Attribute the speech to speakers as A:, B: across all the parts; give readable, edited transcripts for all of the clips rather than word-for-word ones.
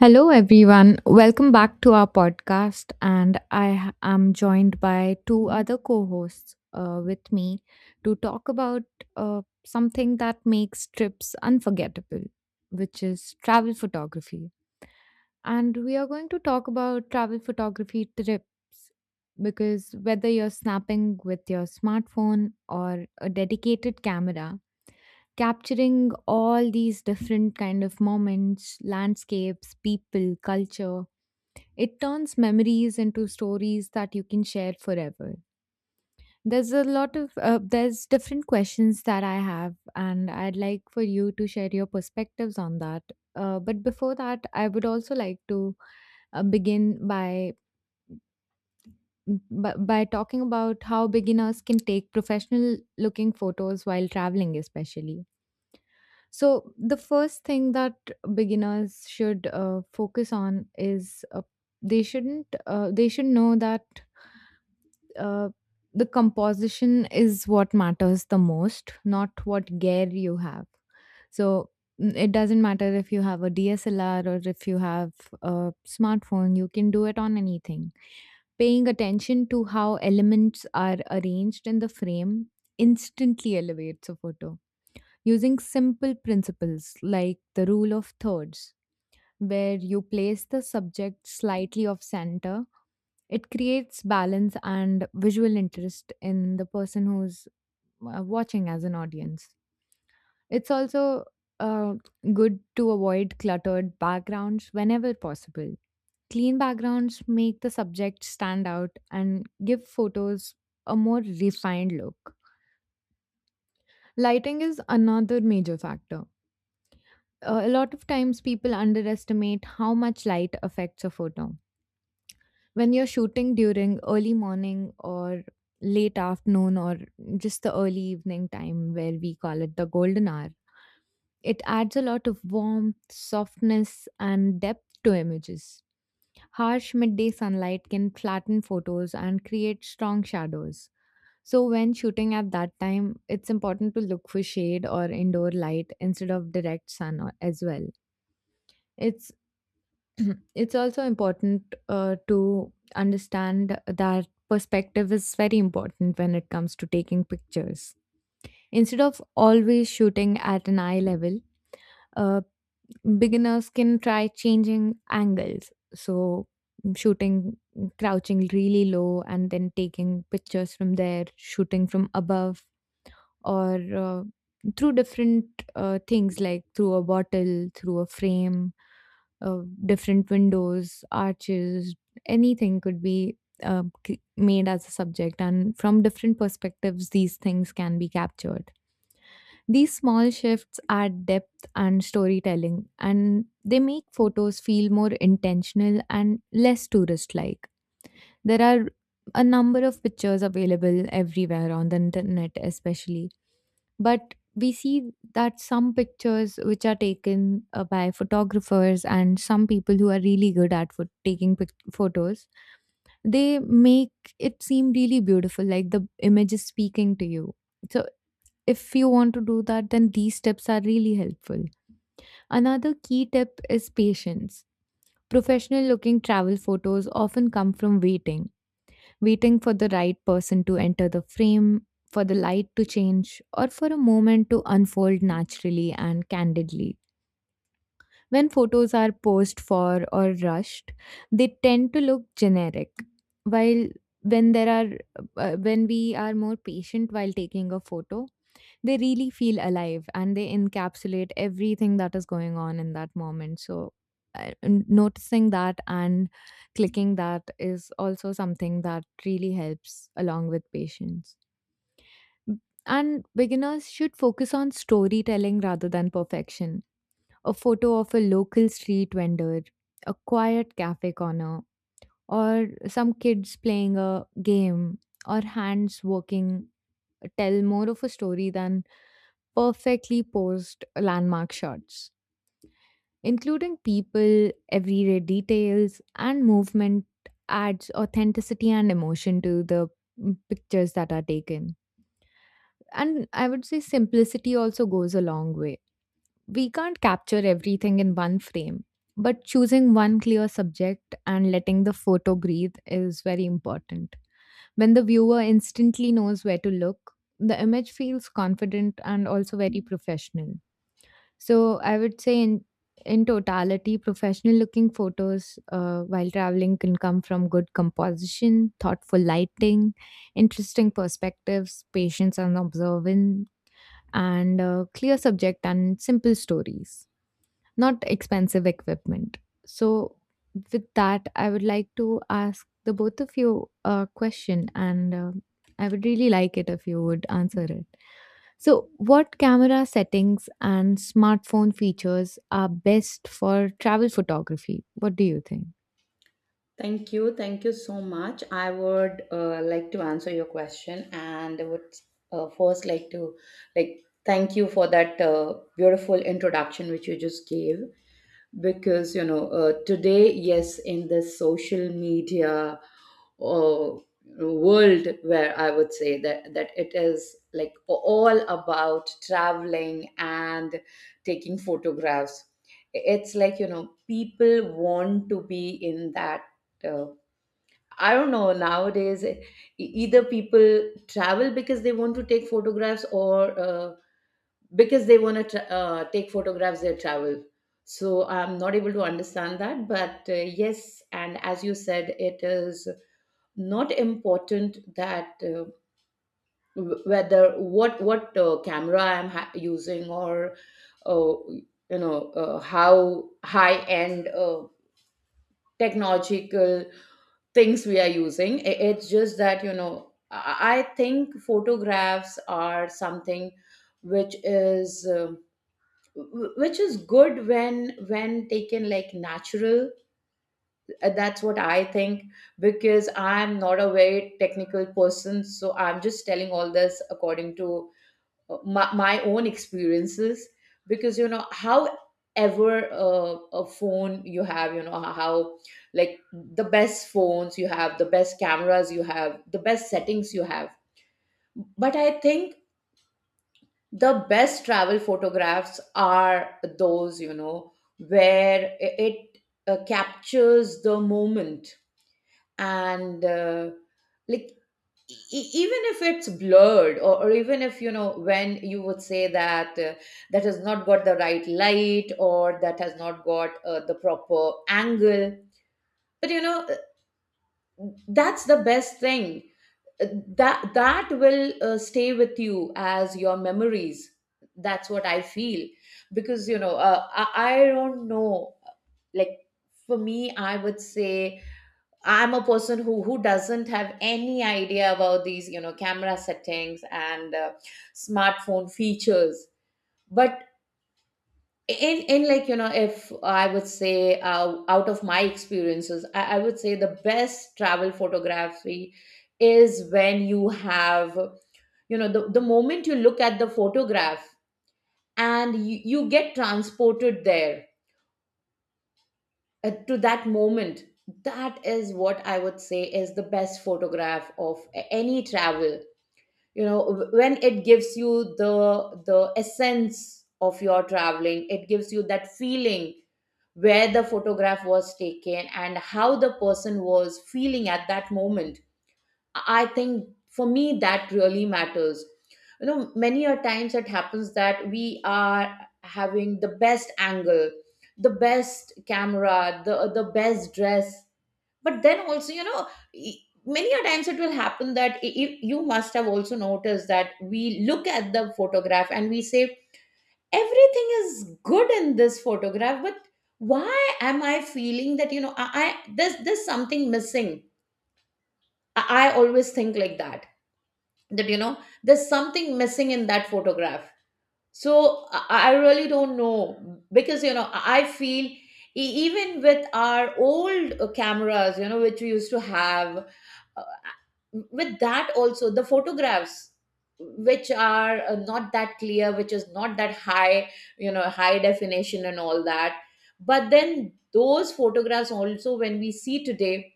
A: Hello, everyone. Welcome back to our podcast. And I am joined by two other co hosts with me to talk about something that makes trips unforgettable, which is travel photography. And we are going to talk about travel photography trips because whether you're snapping with your smartphone or a dedicated camera, capturing all these different kind of moments, landscapes, people, culture, it turns memories into stories that you can share forever. There's a lot of There's different questions that I have, and I'd like for you to share your perspectives on that. But before that, I would also like to begin by talking about how beginners can take professional looking photos while traveling, especially. So, the first thing that beginners should focus on is they shouldn't they should know that uh, the composition is what matters the most, not what gear you have. So it doesn't matter if you have a DSLR or if you have a smartphone, you can do it on anything. Paying attention to how elements are arranged in the frame instantly elevates a photo. Using simple principles like the rule of thirds, where you place the subject slightly off center, it creates balance and visual interest in the person who's watching as an audience. It's also uh, good to avoid cluttered backgrounds whenever possible. Clean backgrounds make the subject stand out and give photos a more refined look. Lighting is another major factor. A lot of times people underestimate how much light affects a photo. When you're shooting during early morning or late afternoon, or just the early evening time where we call it the golden hour, it adds a lot of warmth, softness, and depth to images. Harsh midday sunlight can flatten photos and create strong shadows, so when shooting at that time it's important to look for shade or indoor light instead of as well. It's It's also important to understand that perspective is very important when it comes to taking pictures. Instead of always shooting at an eye level, uh, beginners can try changing angles. So, shooting, crouching really low, and then taking pictures from there, shooting from above, or through different things, like through a bottle, through a frame, uh, different windows, arches, anything could be made as a subject, and from different perspectives, these things can be captured. These small shifts add depth and storytelling, and they make photos feel more intentional and less tourist like. There are a number of pictures available everywhere on the internet, especially, but we see that some pictures which are taken by photographers and some people who are really good at photos, they make it seem really beautiful, like the image is speaking to you. So if you want to do that, then these tips are really helpful. Another key tip is patience. Professional looking travel photos often come from waiting for the right person to enter the frame, for the light to change, or for a moment to unfold naturally and candidly. When photos are posed for or rushed, they tend to look generic. While when there are when we are more patient while taking a photo, they really feel alive and they encapsulate everything that is going on in that moment. So noticing that and clicking that is also something that really helps along with patience. B- and beginners should focus on storytelling rather than perfection. A photo of a local street vendor, a quiet cafe corner, or some kids playing a game, or hands working, tell more of a story than perfectly posed landmark shots. Including people, everyday details, and movement adds authenticity and emotion to the pictures that are taken. And I would say simplicity also goes a long way. We can't capture everything in one frame, but choosing one clear subject and letting the photo breathe is very important. When the viewer instantly knows where to look, the image feels confident and also very professional. So I would say in totality, professional looking photos while traveling can come from good composition, thoughtful lighting, interesting perspectives, patience and observance, and clear subject and simple stories, not expensive equipment. So, with that, I would like to ask the both of you a question, and I would really like it if you would answer it. So, what camera settings and smartphone features are best for travel photography? What do you think?
B: Thank you. Thank you so much. I would like to answer your question, and I would first like to like thank you for that beautiful introduction which you just gave, because today, yes, in this social media uh, world, where I would say that it is like all about traveling and taking photographs. It's like, you know, people want to be in that, uh, I don't know nowadays. Either people travel because they want to take photographs, or because they want to take photographs, they travel. So I'm not able to understand that. But yes, and as you said, it is not important that whether what camera I'm using, or uh, how high end technological things we are using. It's just that, you know, I think photographs are something which which is good when taken like natural. That's what I think, because I'm not a very technical person, so I'm just telling all this according to my own experiences. Because you know however a phone you have, you know, how like the best phones you have, the best cameras you have, the best settings you have, but I think the best travel photographs are those, you know, where it captures the moment. And like even if it's blurred, or even if, you know, when you would say that that has not got the right light, or that has not got the proper angle, but that's the best thing. Uh, that that will stay with you as your memories. That's what I feel. Because I don't know, like, for me, I would say I'm a person who doesn't have any idea about these, you know, camera settings and smartphone features. But in like, you know, if I would say out of my experiences, I would say the best travel photography is when you have, you know, the moment you look at the photograph and you get transported there, to that moment. That is what I would say is the best photograph of any travel. You know, when it gives you the essence of your traveling, it gives you that feeling where the photograph was taken and how the person was feeling at that moment. I think for me that really matters. You know, many a times it happens that we are having the best angle, the best camera, the best dress, but then also, you know, many a times it will happen that you must have also noticed that we look at the photograph and we say everything is good in this photograph, but why am I feeling that, you know, I there's something missing. I always think like that, that, you know, there's something missing in that photograph. So I really don't know, because, you know, I feel even with our old cameras, you know, which we used to have, with that also the photographs which are not that clear, which is not that high, you know, high definition and all that, but then those photographs also, when we see today,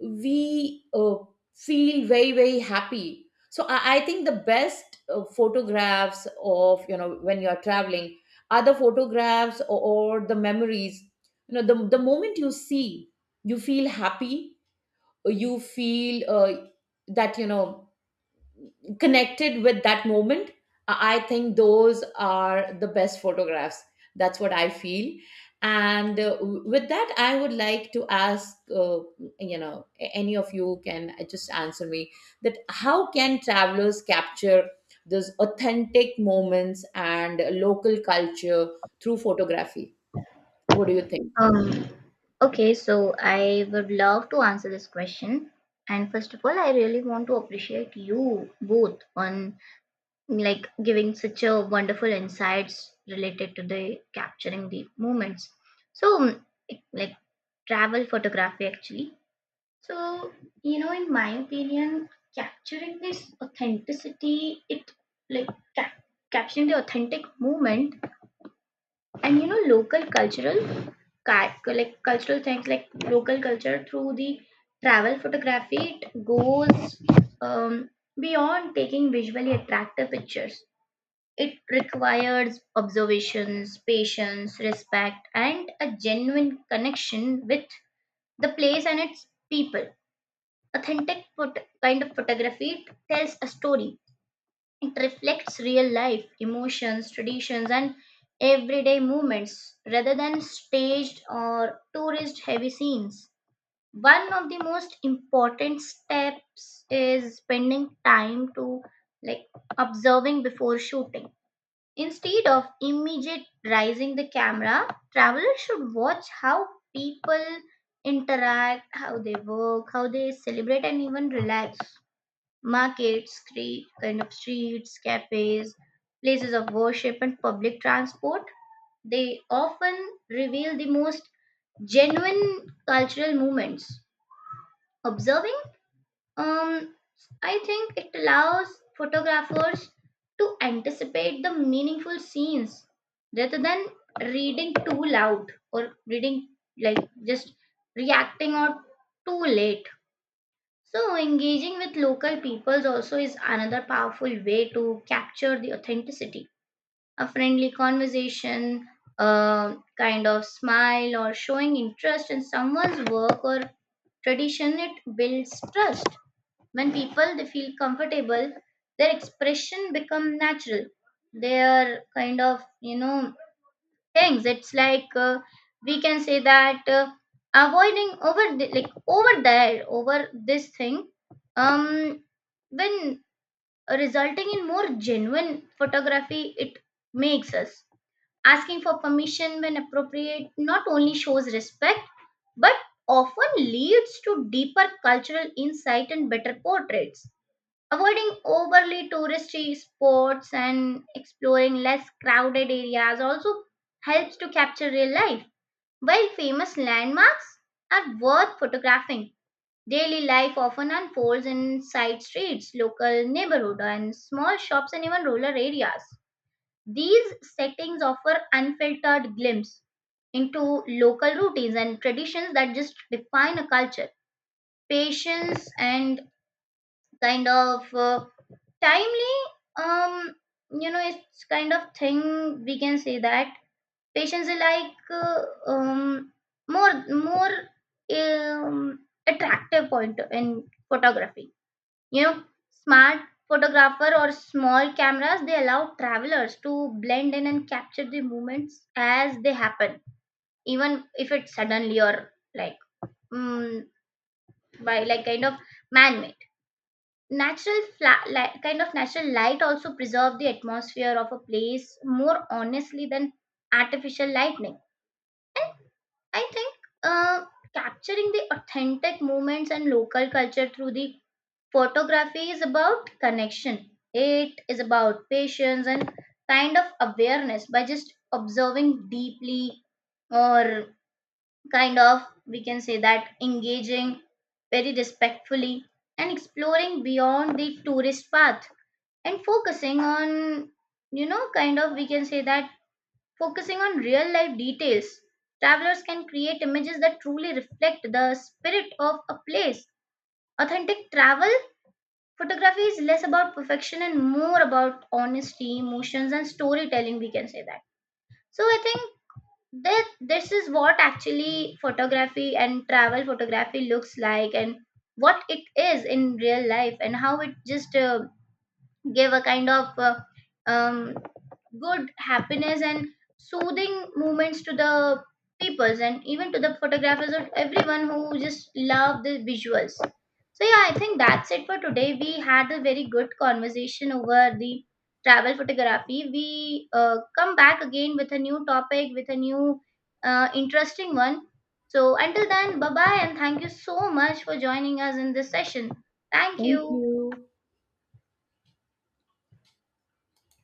B: we feel very, very happy. So I think the best photographs of, you know, when you're traveling are the photographs, or the memories, you know, the moment you see, you feel happy, you feel that, you know, connected with that moment. I think those are the best photographs. That's what I feel. And with that, I would like to ask, you know any of you can just answer me that how can travelers capture those authentic moments and local culture through photography? What do you think?
C: Um, okay, so I would love to answer this question. And first of all, I really want to appreciate you both on, like, giving such a wonderful insights related to the capturing the moments. So, um, like travel photography actually. So, you know, in my opinion, capturing this authenticity, it like ca- capturing the authentic moment and, you know, local cultural ca- like cultural things like local culture through the travel photography it goes um, beyond taking visually attractive pictures. It requires observations, patience, respect, and a genuine connection with the place and its people. Kind of photography tells a story. It reflects real life, emotions, traditions, and everyday movements rather than staged or tourist heavy scenes. One of the most important steps is spending time to, like, observing before shooting. Instead of immediate rising the camera, travelers should watch how people interact, how they work, how they celebrate and even relax. Markets, street, kind of streets, cafes, places of worship, and public transport. They often reveal the most genuine cultural movements. Observing, um, I think it allows photographers to anticipate the meaningful scenes rather than reading too loud or reading, like, just reacting out too late. So, engaging with local peoples also is another powerful way to capture the authenticity. A friendly conversation, a kind of smile, or showing interest in someone's work or tradition, it builds trust. When people they feel comfortable, their expression become natural. Their kind of, you know, things it's like, we can say that, avoiding over the, like over there, over this thing, um when resulting in more genuine photography, it makes us asking for permission when appropriate not only shows respect but often leads to deeper cultural insight and better portraits. Avoiding overly touristy spots and exploring less crowded areas also helps to capture real life. While famous landmarks are worth photographing, daily life often unfolds in side streets, local neighborhood and small shops and even rural areas. These settings offer unfiltered glimpse into local routines and traditions that just define a culture. Patience and kind of timely, um you know, it's kind of thing we can say that patients are like, um more, um, attractive point in photography, you know. Smart photographer or small cameras, they allow travelers to blend in and capture the moments as they happen, even if it's suddenly or like, mm, by like kind of man made natural light, kind of natural light, also preserve the atmosphere of a place more honestly than artificial lightning. And I think, uh, capturing the authentic moments and local culture through the photography is about connection. It is about patience and kind of awareness. By just observing deeply, or kind of we can say that, engaging very respectfully and exploring beyond the tourist path and focusing on, you know, kind of we can say that, focusing on real life details, travelers can create images that truly reflect the spirit of a place. Authentic travel photography is less about perfection and more about honesty, emotions, and storytelling, we can say that. So I think that this is what actually photography and travel photography looks like, and what it is in real life, and how it just give a kind of um, good happiness and soothing moments to the peoples and even to the photographers or everyone who just love the visuals. So, yeah, I think that's it for today. We had a very good conversation over the travel photography. We come back again with a new topic with a new interesting one. So until then, bye bye, and thank you so much for joining us in this session. Thank you.
B: Thank you.